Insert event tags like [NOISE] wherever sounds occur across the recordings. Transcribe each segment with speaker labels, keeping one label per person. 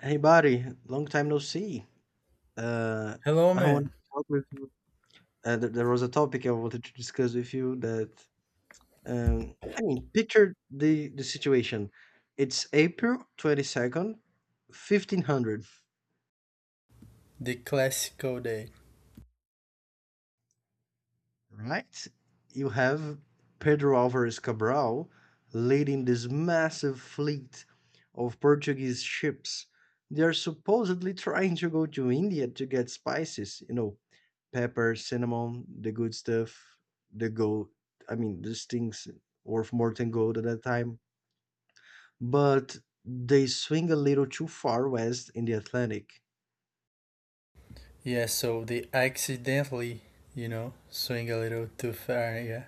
Speaker 1: Hey, buddy, long time no see. Uh,
Speaker 2: Hello,
Speaker 1: I wanted
Speaker 2: man.
Speaker 1: to talk with you. There was a topic I wanted to discuss with you that, I mean, picture the situation. It's April 22nd, 1500,
Speaker 2: The classical day.
Speaker 1: right? You have Pedro Álvares Cabral leading this massive fleet of Portuguese ships. They are supposedly trying to go to India to get spices, pepper, cinnamon, the good stuff, the gold. I mean, these things worth more than gold at that time. But they swing a little too far west in the Atlantic.
Speaker 2: Yeah, so they accidentally, swing a little too far. Yeah,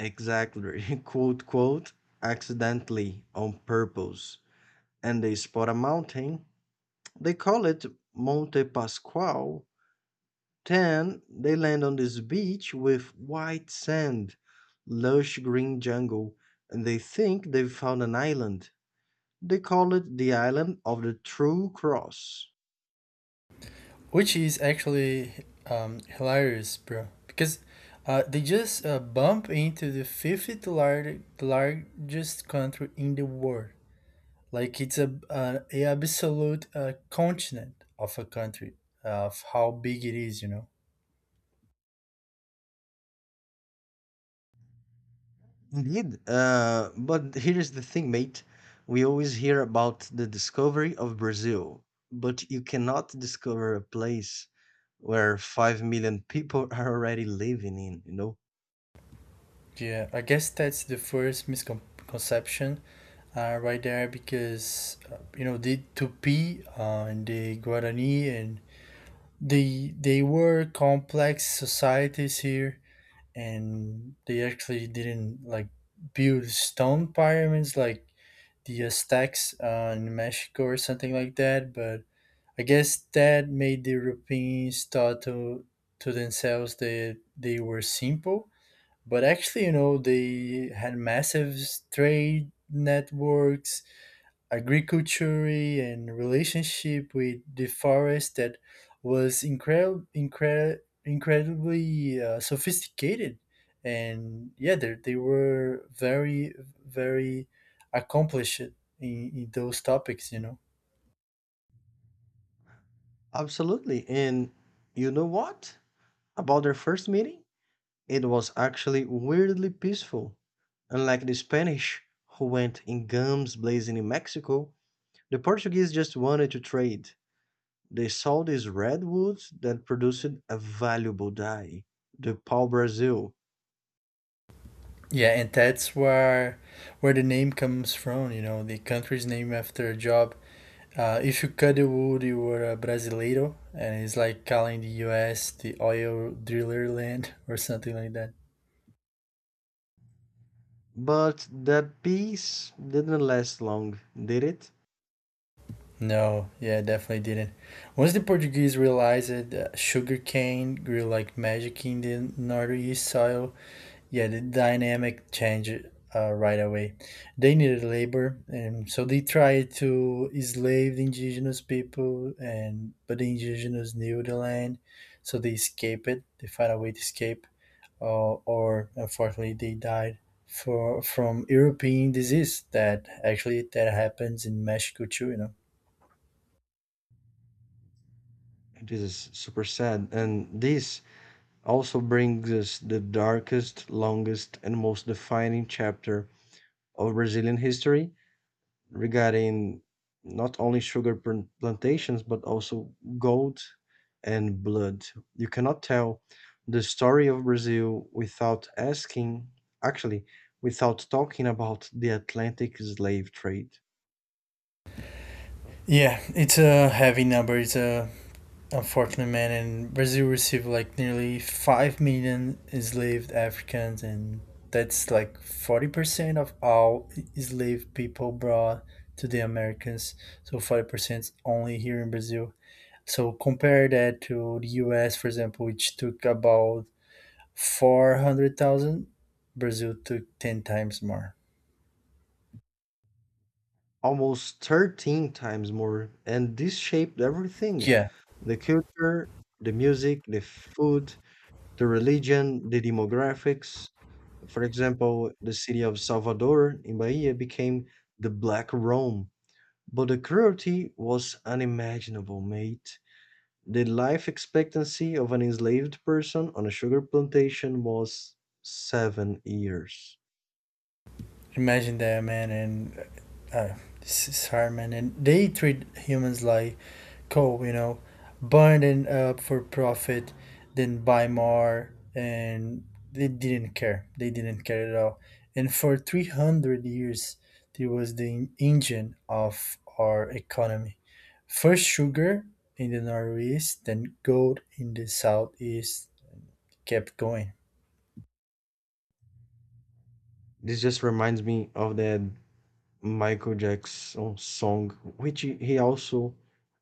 Speaker 1: Exactly. [LAUGHS] Quote, quote, accidentally, on purpose. And they spot a mountain. They call it Monte Pascual. Then they land on this beach with white sand, lush green jungle, and they think they've found an island. They call it the island of the True Cross.
Speaker 2: which is actually hilarious, bro. Because they just bump into the fifth largest country in the world. Like it's a absolute continent of a country of how big it is, you know.
Speaker 1: Indeed. But here's the thing, mate. We always hear about the discovery of Brazil, but you cannot discover a place where 5 million people are already living in, you know?
Speaker 2: Yeah, I guess that's the first misconception right there because you know the Tupi and the Guarani and they were complex societies here, and they actually didn't like build stone pyramids like the Aztecs in Mexico or something like that, but I guess that made the Europeans thought to themselves that they were simple, but actually, you know, they had massive trade networks, agriculture, and relationship with the forest that was incredibly sophisticated. And yeah, they were very, very accomplished in those topics, you know.
Speaker 1: Absolutely. And you know what? About their first meeting? It was actually weirdly peaceful. Unlike the Spanish, who went in guns blazing in Mexico, the Portuguese just wanted to trade. They saw these redwoods that produced a valuable dye, the pau Brazil.
Speaker 2: Yeah, and that's where the name comes from. You know, the country's name after a job. If you cut the wood, you were a brasileiro, and it's like calling the U.S. the oil driller land [LAUGHS] or something like that.
Speaker 1: But that peace didn't last long, did it?
Speaker 2: No, yeah, definitely didn't. Once the Portuguese realized that sugarcane grew like magic in the northeast soil, yeah, the dynamic change right away. They needed labor, and so they tried to enslave the indigenous people, and but the indigenous knew the land, so they escaped. They found a way to escape, or unfortunately, they died for from European disease. That actually that happens in Mexico too, you know.
Speaker 1: This is super sad. And this also brings us the darkest, longest, and most defining chapter of Brazilian history regarding not only plantations but also gold and blood. You cannot tell the story of Brazil without asking, actually, without talking about the Atlantic slave trade.
Speaker 2: Yeah, it's a heavy number. It's a. Unfortunately, man, and Brazil received like nearly 5 million enslaved Africans, and that's like 40% of all enslaved people brought to the Americas. So 40% only here in Brazil. So compare that to the U.S., for example, which took about 400,000. Brazil took ten times more.
Speaker 1: Almost 13 times more, and this shaped everything:
Speaker 2: Yeah,
Speaker 1: the culture, the music, the food, the religion, the demographics. For example, the city of Salvador in Bahia became the Black Rome. But the cruelty was unimaginable, mate. The life expectancy of an enslaved person on a sugar plantation was 7 years.
Speaker 2: imagine that, man, and uh, this is hard, man. And they treat humans like coal, you know, burn it up for profit, then buy more, and they didn't care. They didn't care at all. And for 300 years, it was the engine of our economy. First sugar in the northeast, then gold in the southeast kept going.
Speaker 1: This just reminds me of that Michael Jackson song, which he also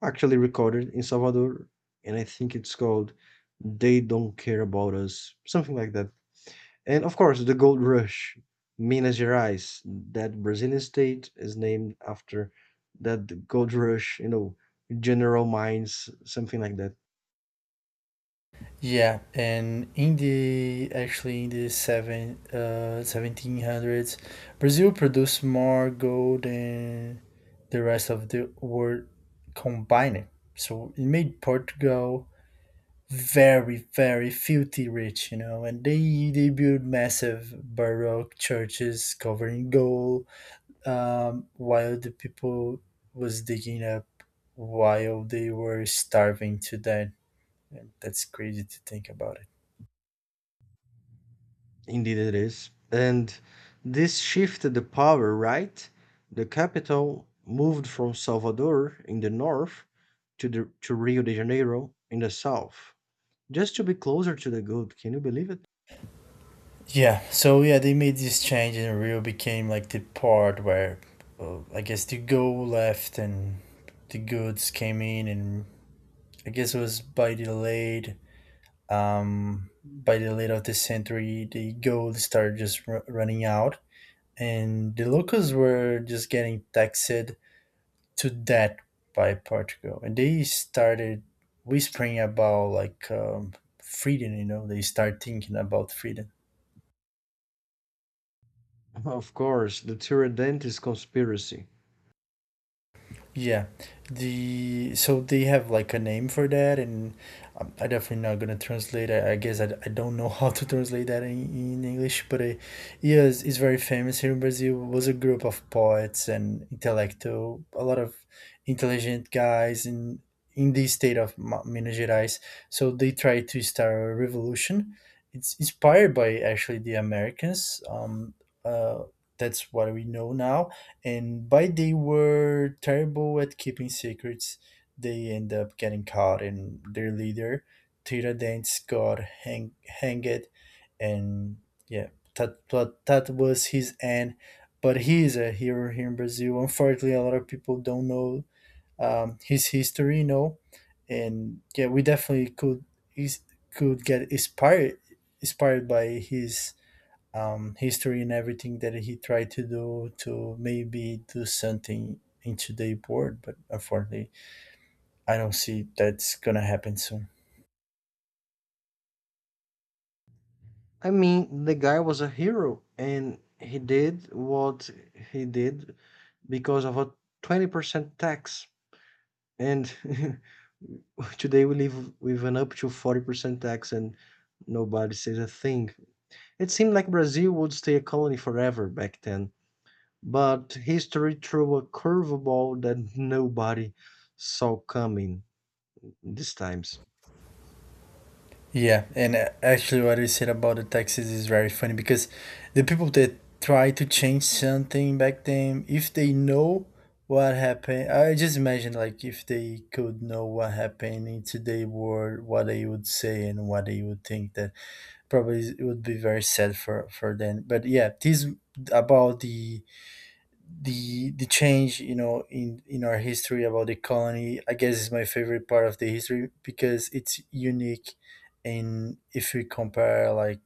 Speaker 1: actually recorded in Salvador, and I think it's called They Don't Care About Us, something like that. And of course, the gold rush, Minas Gerais, that Brazilian state is named after that gold rush, general mines, something like that.
Speaker 2: Yeah, and in the seventeen hundreds, Brazil produced more gold than the rest of the world combined. So it made Portugal very, very filthy rich, you know, and they built massive baroque churches covered in gold, while the people was digging up while they were starving to death. And that's crazy to think about it.
Speaker 1: Indeed, it is. And this shifted the power, right? The capital moved from Salvador in the north to Rio de Janeiro in the south, just to be closer to the gold. Can you believe it?
Speaker 2: Yeah. So yeah, they made this change, and Rio became like the part where I guess the goal left and the goods came in, and I guess it was by the late of the century. The gold started just running out, and the locals were just getting taxed to death by Portugal, and they started whispering about like freedom. You know, they start thinking about freedom.
Speaker 1: [LAUGHS] Of course, the Tiradentes conspiracy.
Speaker 2: Yeah, the so they have like a name for that, and I definitely not gonna translate. I guess I don't know [LAUGHS] how to translate that in English, but yeah, it's very famous here in Brazil. It was a group of poets and intellectual, a lot of intelligent guys in the state of Minas Gerais. So they tried to start a revolution. It's inspired by actually the Americans. Uh, that's what we know now, and by they were terrible at keeping secrets, they end up getting caught, and their leader, Tiradentes, got hanged. And yeah, but that was his end. But he is a hero here in Brazil. Unfortunately, a lot of people don't know his history, you know. And yeah, we definitely could is, could get inspired by his history and everything that he tried to do to maybe do something in today board, but unfortunately, I don't see that's gonna happen soon.
Speaker 1: I mean, the guy was a hero and he did what he did because of a 20% tax. And [LAUGHS] today we live with an up to 40% tax and nobody says a thing. It seemed like Brazil would stay a colony forever back then, but history threw a curveball that nobody saw coming these times.
Speaker 2: Yeah, and actually, what you said about the taxes is very funny because the people that try to change something back then, if they know what happened, I just imagine like if they could know what happened in today world, what they would say and what they would think, that probably it would be very sad for them. But yeah, this about the change, you know, in our history about the colony, I guess, is my favorite part of the history because it's unique, and if we compare like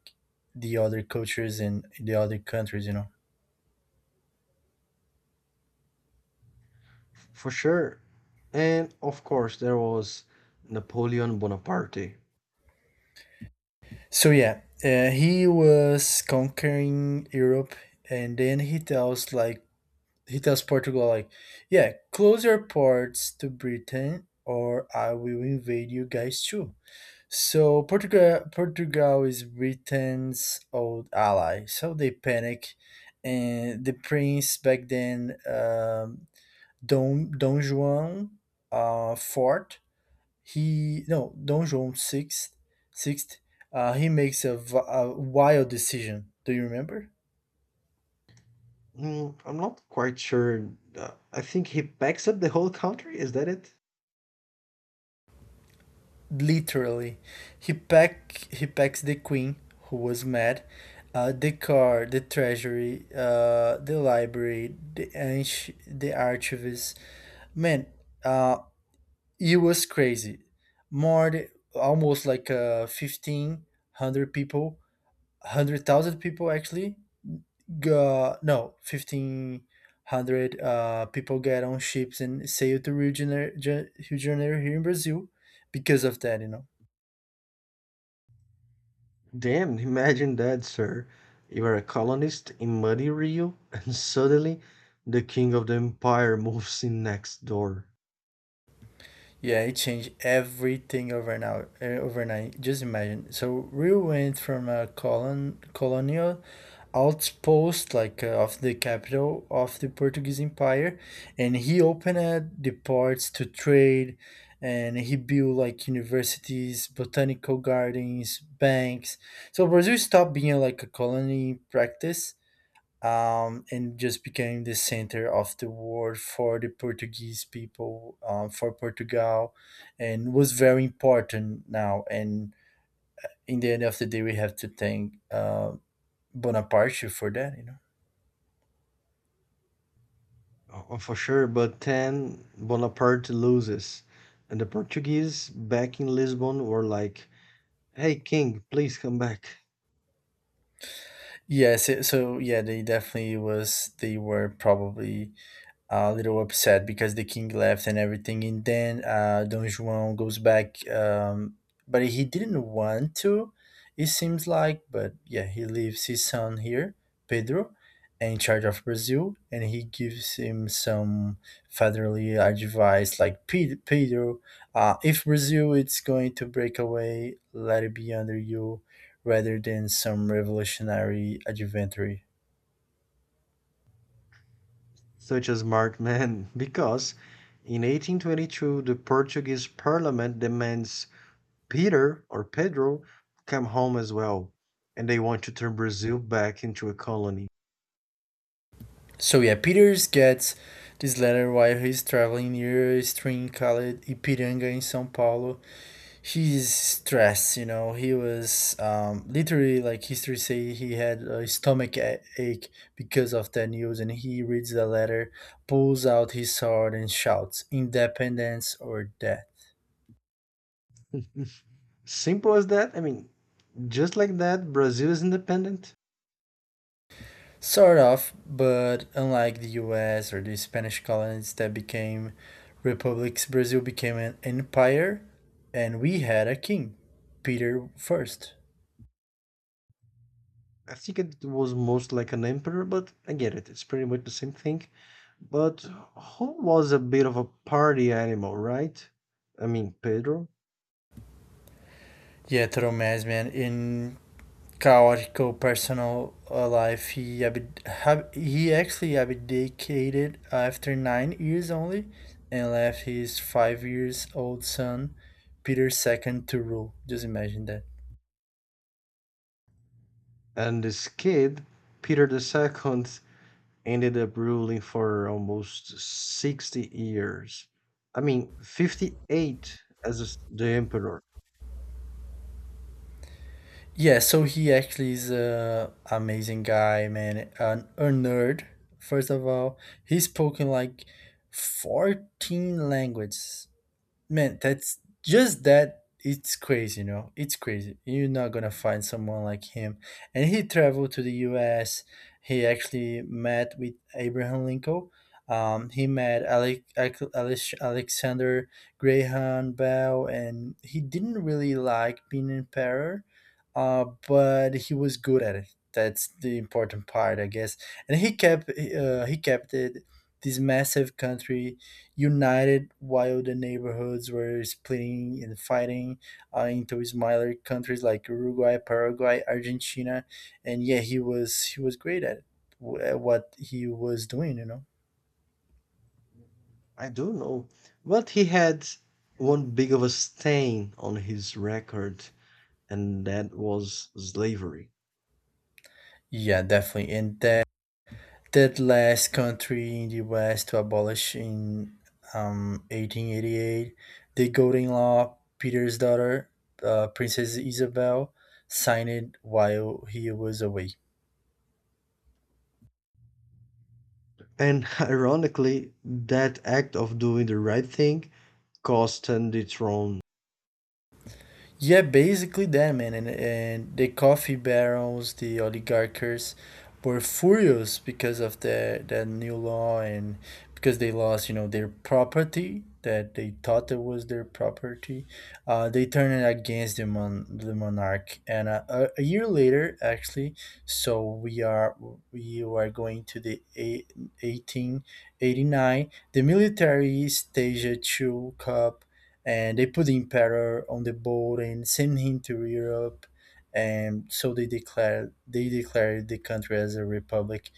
Speaker 2: the other cultures and the other countries, you know.
Speaker 1: For sure. And of course, there was Napoleon Bonaparte.
Speaker 2: So yeah, he was conquering Europe, and then he tells like he tells Portugal like, yeah, close your ports to Britain or I will invade you guys too. So Portugal is Britain's old ally. So they panic, and the prince back then, Don Juan fourth, he, no, Don Juan sixth, he makes a wild decision. Do you remember?
Speaker 1: Mm, I'm not quite sure. I think he packs up the whole country. Is that it?
Speaker 2: Literally, he packs the queen, who was mad, the treasury, the library, the archivist, man, uh, it was crazy. more th- Almost like 1500 people, 100,000 people actually got, no, 1500 people get on ships and sail to rio de janeiro, rio de janeiro here in brazil, because of that, you know.
Speaker 1: Damn, imagine that, sir. You are a colonist in muddy Rio, [LAUGHS] and suddenly the king of the empire moves in next door.
Speaker 2: Yeah, it changed everything overnight. Overnight, just imagine. So we went from a colonial outpost, like of the capital of the Portuguese Empire, and he opened the ports to trade, and he built like universities, botanical gardens, banks. So Brazil stopped being like a colony in practice, and just became the center of the world for the Portuguese people, for Portugal, and was very important now. And in the end of the day, we have to thank Bonaparte for that, you know.
Speaker 1: Oh, oh, for sure, but then Bonaparte loses, and the Portuguese back in Lisbon were like, "Hey, king, please come back."
Speaker 2: Yes, so yeah, they definitely was. They were probably a little upset because the king left and everything. And then Don Juan goes back, but he didn't want to, it seems like. But yeah, he leaves his son here, Pedro, in charge of Brazil, and he gives him some fatherly advice like, Pedro, if Brazil is going to break away, let it be under you rather than some revolutionary adventure.
Speaker 1: Such a smart man, [LAUGHS] because in 1822 the Portuguese parliament demands Peter or Pedro come home as well, and they want to turn Brazil back into a colony.
Speaker 2: So yeah, Peters gets this letter while he's traveling near a stream called Ipiranga in São Paulo. He's stressed, you know. He was literally like history say he had a stomach ache because of that news, and he reads the letter, pulls out his sword, and shouts, "Independence or death!"
Speaker 1: Simple as that. I mean, just like that, Brazil is independent.
Speaker 2: Sort of, but unlike the US or the Spanish colonies that became republics, Brazil became an empire, and we had a king, Peter the First.
Speaker 1: I think it was most like an emperor, but I get it. It's pretty much the same thing. But who was a bit of a party animal, right? I mean, Pedro.
Speaker 2: Yet Tomásman, in chaotical personal life, he actually abdicated after 9 years only, and left his 5 years old son, Peter II, to rule. Just imagine that.
Speaker 1: And this kid, Peter II, ended up ruling for almost 60 years. I mean, 58 as the emperor.
Speaker 2: Yeah, so he actually is a amazing guy, man. A nerd, first of all. He's spoken like 14 languages, man. That's just that it's crazy, you know. It's crazy, you're not gonna find someone like him. And he traveled to the us, he actually met with abraham lincoln. He met alexander graham bell, and he didn't really like being in power, but he was good at it. That's the important part, I guess. And he kept it, this massive country, united while the neighborhoods were splitting and fighting into smaller countries like Uruguay, Paraguay, Argentina, and yeah, he was great at what he was doing, you know.
Speaker 1: I do know. But he had one big of a stain on his record, and that was slavery.
Speaker 2: Yeah, definitely, and that last country in the West to abolish in 1888, the Golden Law. Peter's daughter, Princess Isabel, signed it while he was away.
Speaker 1: And [LAUGHS] ironically, that act of doing the right thing cost him the throne.
Speaker 2: Yeah, basically that, man. And the coffee barons, the oligarchers, were furious because of the that new law and because they lost, you know, their property that they thought it was their property. They turned it against the monarch. And a year later, actually, so we are going to 1889. The military staged a coup, and they put the emperor on the boat and sent him to Europe, and so they declared the country as a republic.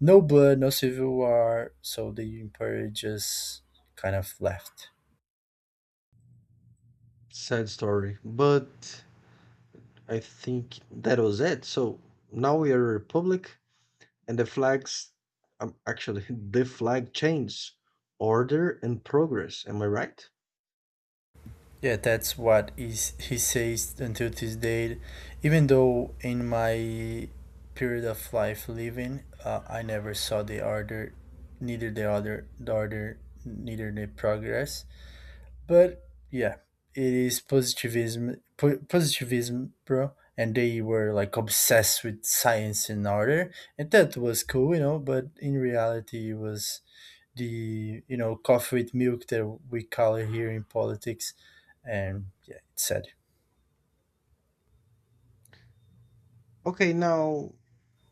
Speaker 2: No blood, no civil war, so the emperor just kind of left.
Speaker 1: Sad story. But I think that was it. So now we are a republic, and the flags, actually, [LAUGHS] the flag changed: order and progress, am I right?
Speaker 2: Yeah, that's what is he says until this day. Even though in my period of life living, I never saw the order, neither the other, the order, neither the progress. But yeah, it is positivism, bro. And they were like obsessed with science and order, and that was cool, you know. But in reality, it was the coffee with milk that we call it here in politics, and yeah, it's sad.
Speaker 1: Okay, now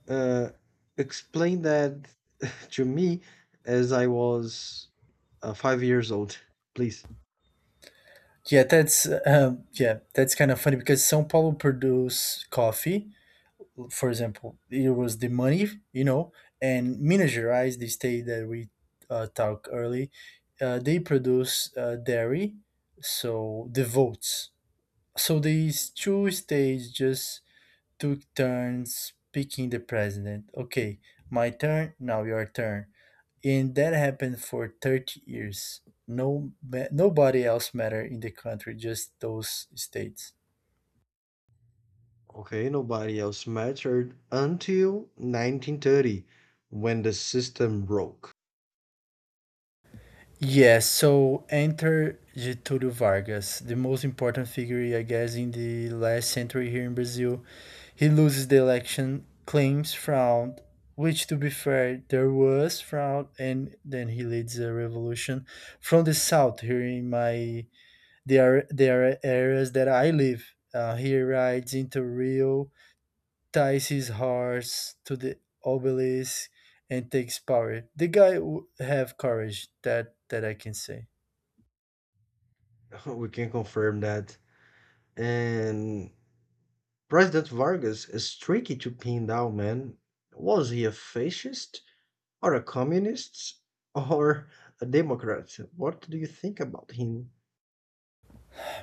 Speaker 1: uh, explain that [LAUGHS] to me as I was 5 years old, please.
Speaker 2: Yeah, that's kind of funny because São Paulo produce coffee, for example, it was the money, you know, and Minas Gerais, the state that we talked early, they produce dairy, so the votes. So these two states just took turns picking the president. Okay, my turn, now your turn. And that happened for 30 years. No, nobody else mattered in the country, just those states.
Speaker 1: Okay, nobody else mattered until 1930, when the system broke.
Speaker 2: Yes, so enter Getúlio Vargas, the most important figure, I guess, in the last century here in Brazil. He loses the election, claims fraud, which, to be fair, there was fraud, and then he leads a revolution from the south here in my the are areas that I live. He rides into Rio, ties his horse to the obelisk, and takes power. The guy have courage. That I can say.
Speaker 1: [LAUGHS] We can confirm that. And President Vargas is tricky to pin down, man. Was he a fascist, are a communist, or a Democrat? What do you think about him?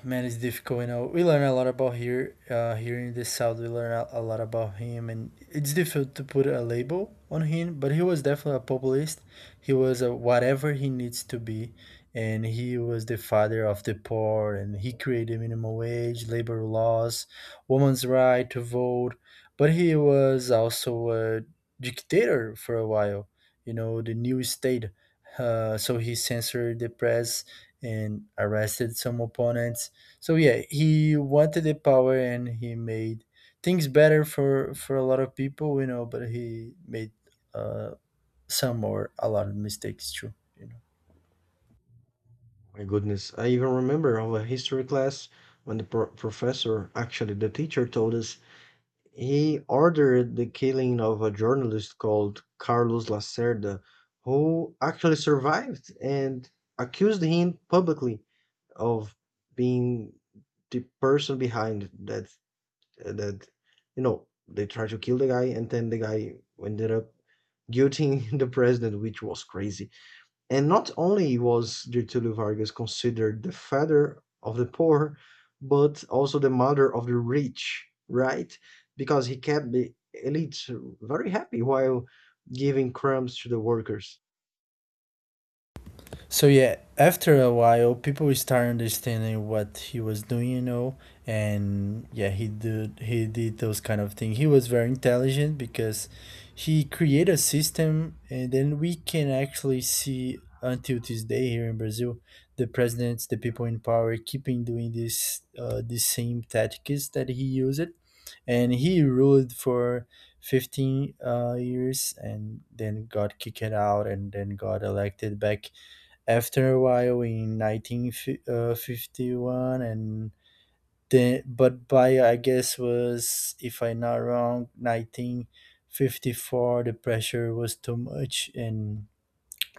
Speaker 2: Man, it's difficult. You know, we learn a lot about here, here in the south. We learn a lot about him, and it's difficult to put a label on him. But he was definitely a populist. He was a whatever he needs to be, and he was the father of the poor. And he created minimum wage, labor laws, women's right to vote. But he was also a dictator for a while. You know, the new state. So he censored the press and arrested some opponents, so yeah, he wanted the power and he made things better for a lot of people, you know. But he made uh, some or a lot of mistakes too. You know.
Speaker 1: My goodness, I even remember of a history class when the professor, actually the teacher, told us he ordered the killing of a journalist called Carlos Lacerda, who actually survived and accused him publicly of being the person behind that, they tried to kill the guy, and then the guy ended up guilting [LAUGHS] the president, which was crazy. And not only was Getulio Vargas considered the father of the poor, but also the mother of the rich, right, because he kept the elites very happy while giving crumbs to the workers.
Speaker 2: So yeah, after a while, people start understanding what he was doing, you know, and yeah, he did those kind of things. He was very intelligent because he created a system, and then we can actually see until this day here in Brazil, the presidents, the people in power, keeping doing this the same tactics that he used, and he ruled for 15 years and then got kicked out and then got elected back after a while in 1951, and then, but by, I guess, was, if I'm not wrong, 1954, the pressure was too much, and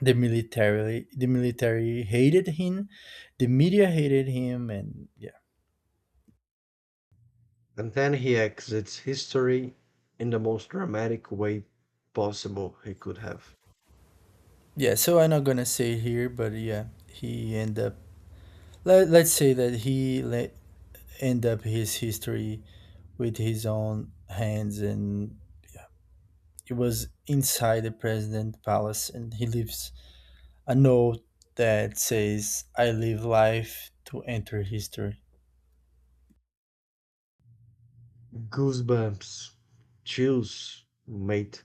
Speaker 2: the military hated him, the media hated him, and yeah,
Speaker 1: And then he exits history in the most dramatic way possible he could have.
Speaker 2: yeah, so I'm not gonna say here, but yeah, he ended up, let's say that he end up his history with his own hands. And it was inside the president's palace, and he leaves a note that says, "I live life to enter history."
Speaker 1: Goosebumps. Chills, mate.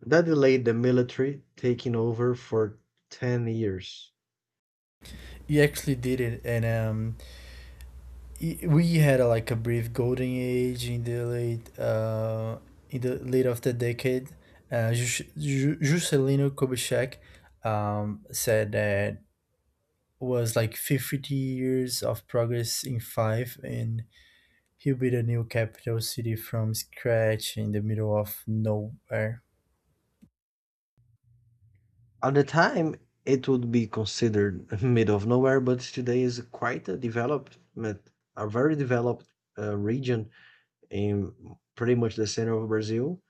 Speaker 1: That delayed the military taking over for 10 years.
Speaker 2: He actually did it, and we had like a brief golden age in the late of the decade. Juscelino Kubitschek said that was like 50 years of progress in five, and he built a new capital city from scratch in the middle of nowhere.
Speaker 1: At the time, it would be considered [LAUGHS] mid of nowhere, but today is quite a development, a very developed region in pretty much the center of Brazil.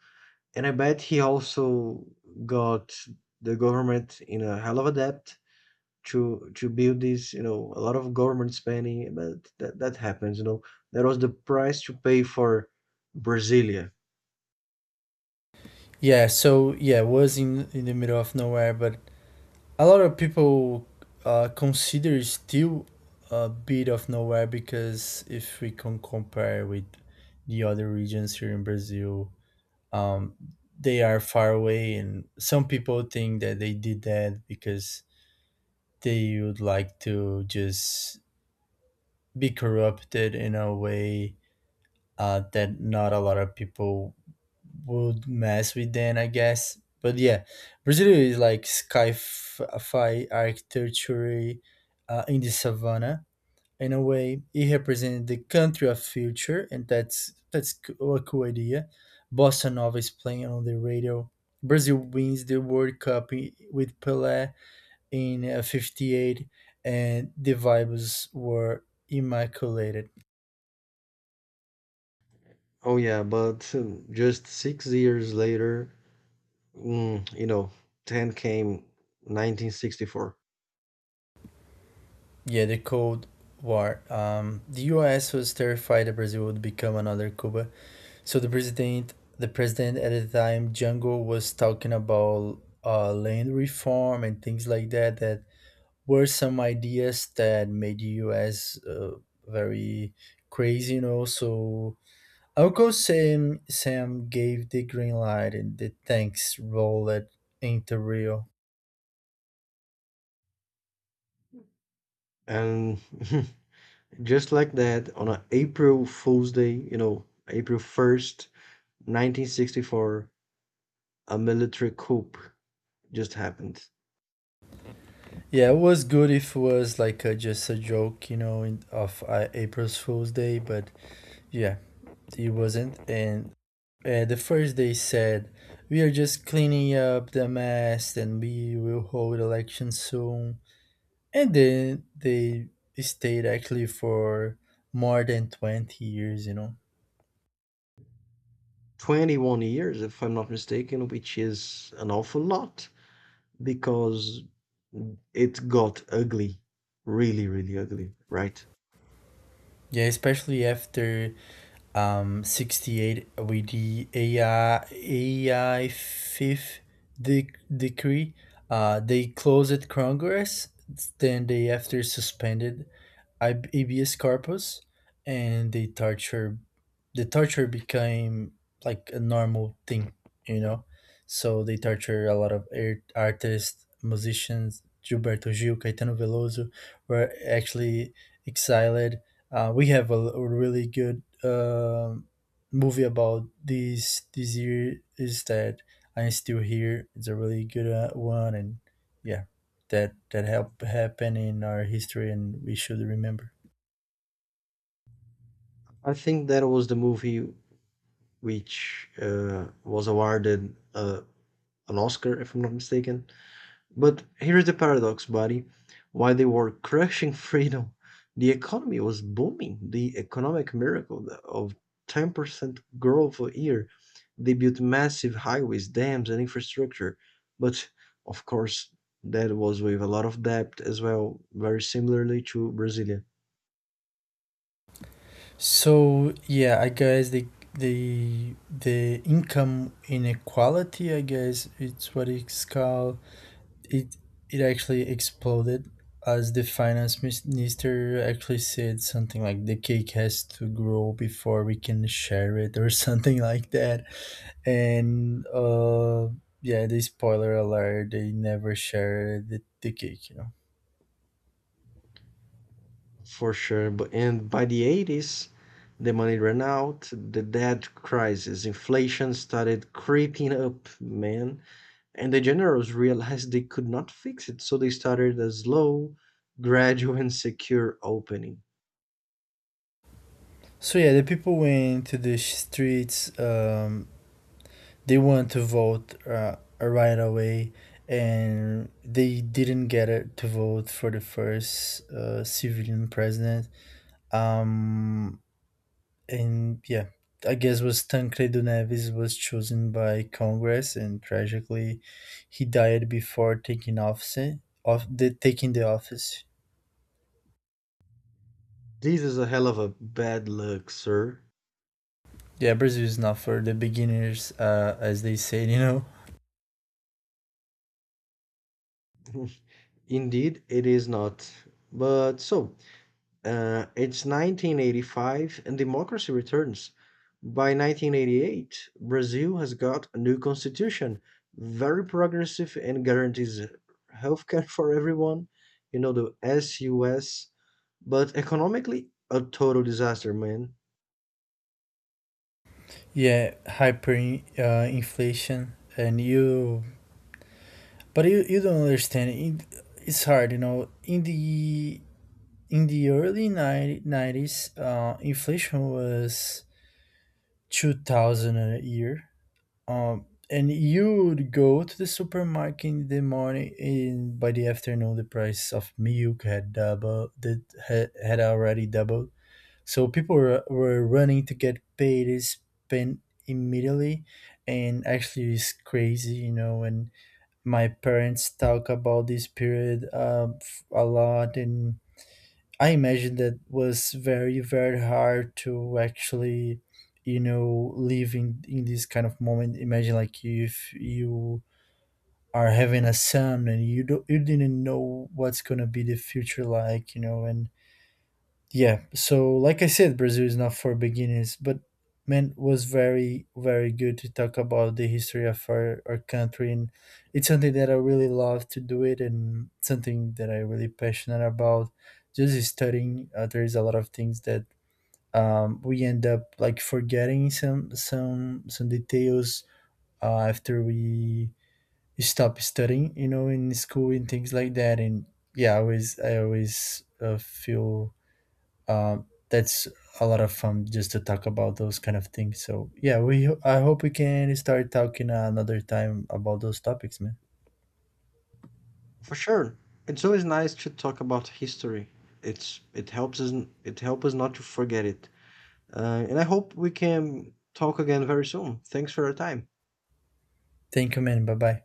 Speaker 1: And I bet he also got the government in a hell of a debt to build this, a lot of government spending, but that happens. That was the price to pay for Brasilia.
Speaker 2: Yeah, so yeah, it was in the middle of nowhere, but a lot of people consider it still a bit of nowhere because if we can compare with the other regions here in Brazil, um, they are far away, and some people think that they did that because they would like to just be corrupted in a way that not a lot of people would mess with then I guess. But yeah, Brazil is like sci-fi architecture in the savannah. In a way, it represented the country of future, and that's a cool idea. Bossa Nova is playing on the radio. Brazil wins the World Cup with Pelé in '58, and the vibes were immaculate.
Speaker 1: Oh yeah, but just 6 years later, mm, you know, 10 came, 1964.
Speaker 2: Yeah, the Cold War. The U.S. was terrified that Brazil would become another Cuba, so the president at the time, Jango, was talking about land reform and things like that. That were some ideas that made the U.S. Very crazy, you know. So Uncle Sam gave the green light, and the tanks rolled into Rio.
Speaker 1: And [LAUGHS] just like that, on a April Fool's Day, April 1st, 1964, a military coup just happened.
Speaker 2: Yeah, it was good if it was like just a joke, you know, in, of April's Fool's Day, but yeah, it wasn't. And the first they said, we are just cleaning up the mess and we will hold elections soon. And then they stayed actually for more than 20 years, you know.
Speaker 1: 21 years, if I'm not mistaken, which is an awful lot, because it got ugly, really, really ugly, right?
Speaker 2: Yeah, especially after 68 with the AI fifth de- decree. They closed Congress, then they after suspended habeas corpus, and the torture became like a normal thing, you know. So they torture a lot of artists, musicians. Gilberto Gil, Caetano Veloso were actually exiled. Uh, we have a really good movie about these this year is that I'm still here. It's a really good one, and yeah, that help happen in our history, and we should remember.
Speaker 1: I think that was the movie which was awarded an Oscar, if I'm not mistaken. But here's the paradox, buddy. While they were crushing freedom, the economy was booming. The economic miracle of 10% growth a year. They built massive highways, dams, and infrastructure. But of course, that was with a lot of debt as well, very similarly to Brasilia.
Speaker 2: So yeah, I guess the income inequality, I guess it's what it's called. it it actually exploded, as the finance minister actually said something like, the cake has to grow before we can share it, or [LAUGHS] something like that. And yeah, the spoiler alert, they never shared the cake, you know.
Speaker 1: For sure. And by the 80s, the money ran out, the debt crisis, inflation started creeping up, man. And the generals realized they could not fix it, so they started a slow, gradual, and secure opening.
Speaker 2: So yeah, the people went to the streets, they want to vote right away, and they didn't get it to vote for the first civilian president. Um, and yeah, I guess was Tancredo Neves was chosen by Congress, and tragically, he died before taking office. Of the taking the office.
Speaker 1: This is a hell of a bad luck, sir.
Speaker 2: Yeah, Brazil is not for the beginners, as they say, you know.
Speaker 1: [LAUGHS] Indeed, it is not. But so, it's 1985 and democracy returns. By 1988, Brazil has got a new constitution, very progressive and guarantees healthcare [LAUGHS] for everyone, the SUS, but economically, a total disaster, man.
Speaker 2: Yeah, hyper inflation, and you, but you don't understand. It's hard, you know. In the early nineties, inflation was 2,000 a year. And you would go to the supermarket in the morning, and by the afternoon, the price of milk had doubled, that had already doubled. So people were running to get paid, is spent immediately, and actually, it's crazy, you know. And my parents talk about this period a lot, and I imagine that was very, very hard to actually, you know, live in this kind of moment. Imagine, like, if you are having a son and you don't, you didn't know what's gonna be the future like, you know, and yeah, so like I said, Brazil is not for beginners, but man, was very, very good to talk about the history of our country. And it's something that I really love to do it and something that I really passionate about. Just studying, there's a lot of things that we end up like forgetting some details after we stop studying, you know, in school and things like that. And yeah, I always feel uh, that's a lot of fun just to talk about those kind of things. So yeah, we I hope we can start talking another time about those topics, man.
Speaker 1: For sure. It's always nice to talk about history. It's it helps us it helps us not to forget it. And I hope we can talk again very soon. Thanks for your time.
Speaker 2: Thank you, man. Bye bye.